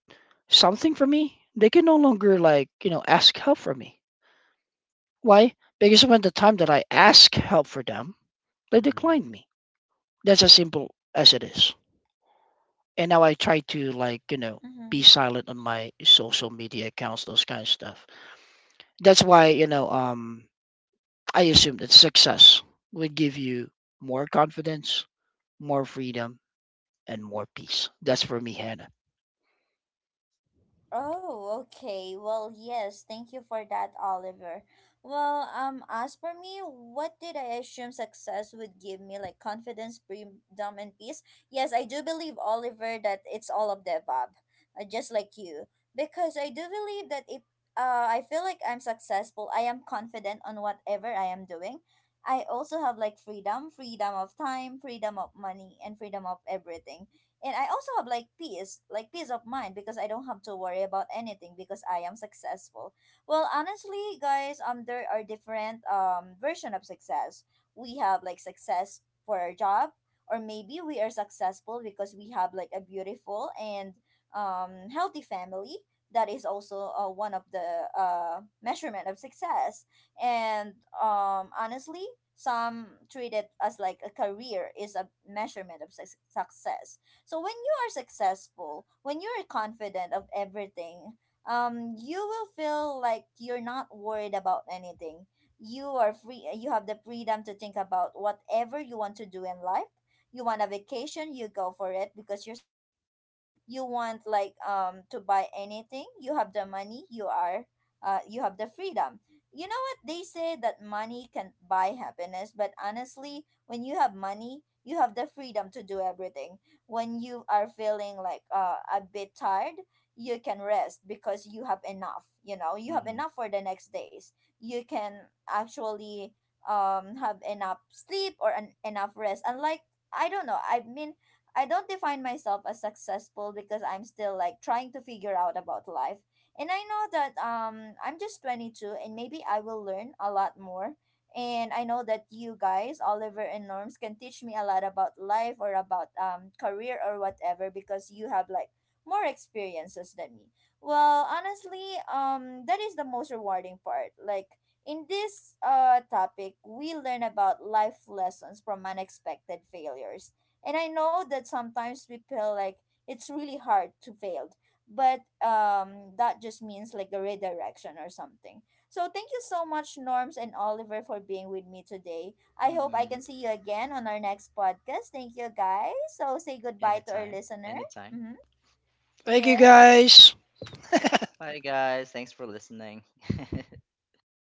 Speaker 2: something from me, they can no longer like, you know, ask help from me. Why? Because when the time that I ask help for them, they
Speaker 3: Mhm.
Speaker 2: decline me. That's as simple as it is. And now I try to like you know be
Speaker 1: Mm-hmm.
Speaker 2: silent on my social media accounts, those kind of stuff. That's why you know I assume that success would give you more confidence, more freedom, and more peace. That's for me, Hannah.
Speaker 1: Oh, okay. Well, yes. Thank you for that, Oliver. Well, as for me, what did I assume success would give me? Like confidence, freedom, and peace. Yes, I do believe, Oliver, that it's all of the above, just like you. Because I do believe that if I feel like I'm successful, I am confident on whatever I am doing. I also have like freedom, freedom of time, freedom of money, and freedom of everything, and I also have like peace, like peace of mind because I don't have to worry about anything because I am successful. Well honestly guys, there are different version of success. We have like success for our job, or maybe we are successful because we have like a beautiful and healthy family. That is also one of the measurement of success. And honestly, some treat it as like a career is a measurement of success. So when you are successful, when you are confident of everything, you will feel like you're not worried about anything. You are free. You have the freedom to think about whatever you want to do in life. You want a vacation, you go for it because you're successful. You want like to buy anything, you have the money. You are you have the freedom. You know what they say that money can buy happiness, but honestly, when you have money, you have the freedom to do everything. When you are feeling like a bit tired, you can rest because you have enough, you know,
Speaker 3: Mhm.
Speaker 1: you have
Speaker 3: Mhm.
Speaker 1: enough for the next days. You can actually have enough sleep or enough rest. Unlike I don't know, I mean I don't define myself as successful because I'm still like trying to figure out about life. And I know that I'm just 22 and maybe I will learn a lot more, and I know that you guys, Oliver and Norms, can teach me a lot about life or about career or whatever because you have like more experiences than me. Well, honestly, that is the most rewarding part. Like in this topic, we learn about life lessons from unexpected failures. And I know that sometimes we feel like it's really hard to fail, but that just means like a redirection or something. So thank you so much, Norms and Oliver, for being with me today. I hope I
Speaker 3: Mhm.
Speaker 1: can see you again on our next podcast. Thank you, guys. So say goodbye to
Speaker 3: Anytime.
Speaker 1: our listener.
Speaker 3: Anytime.
Speaker 1: Mm-hmm.
Speaker 2: Thank you,
Speaker 1: Yes.
Speaker 2: guys.
Speaker 3: Bye, guys. Thanks for listening. *laughs*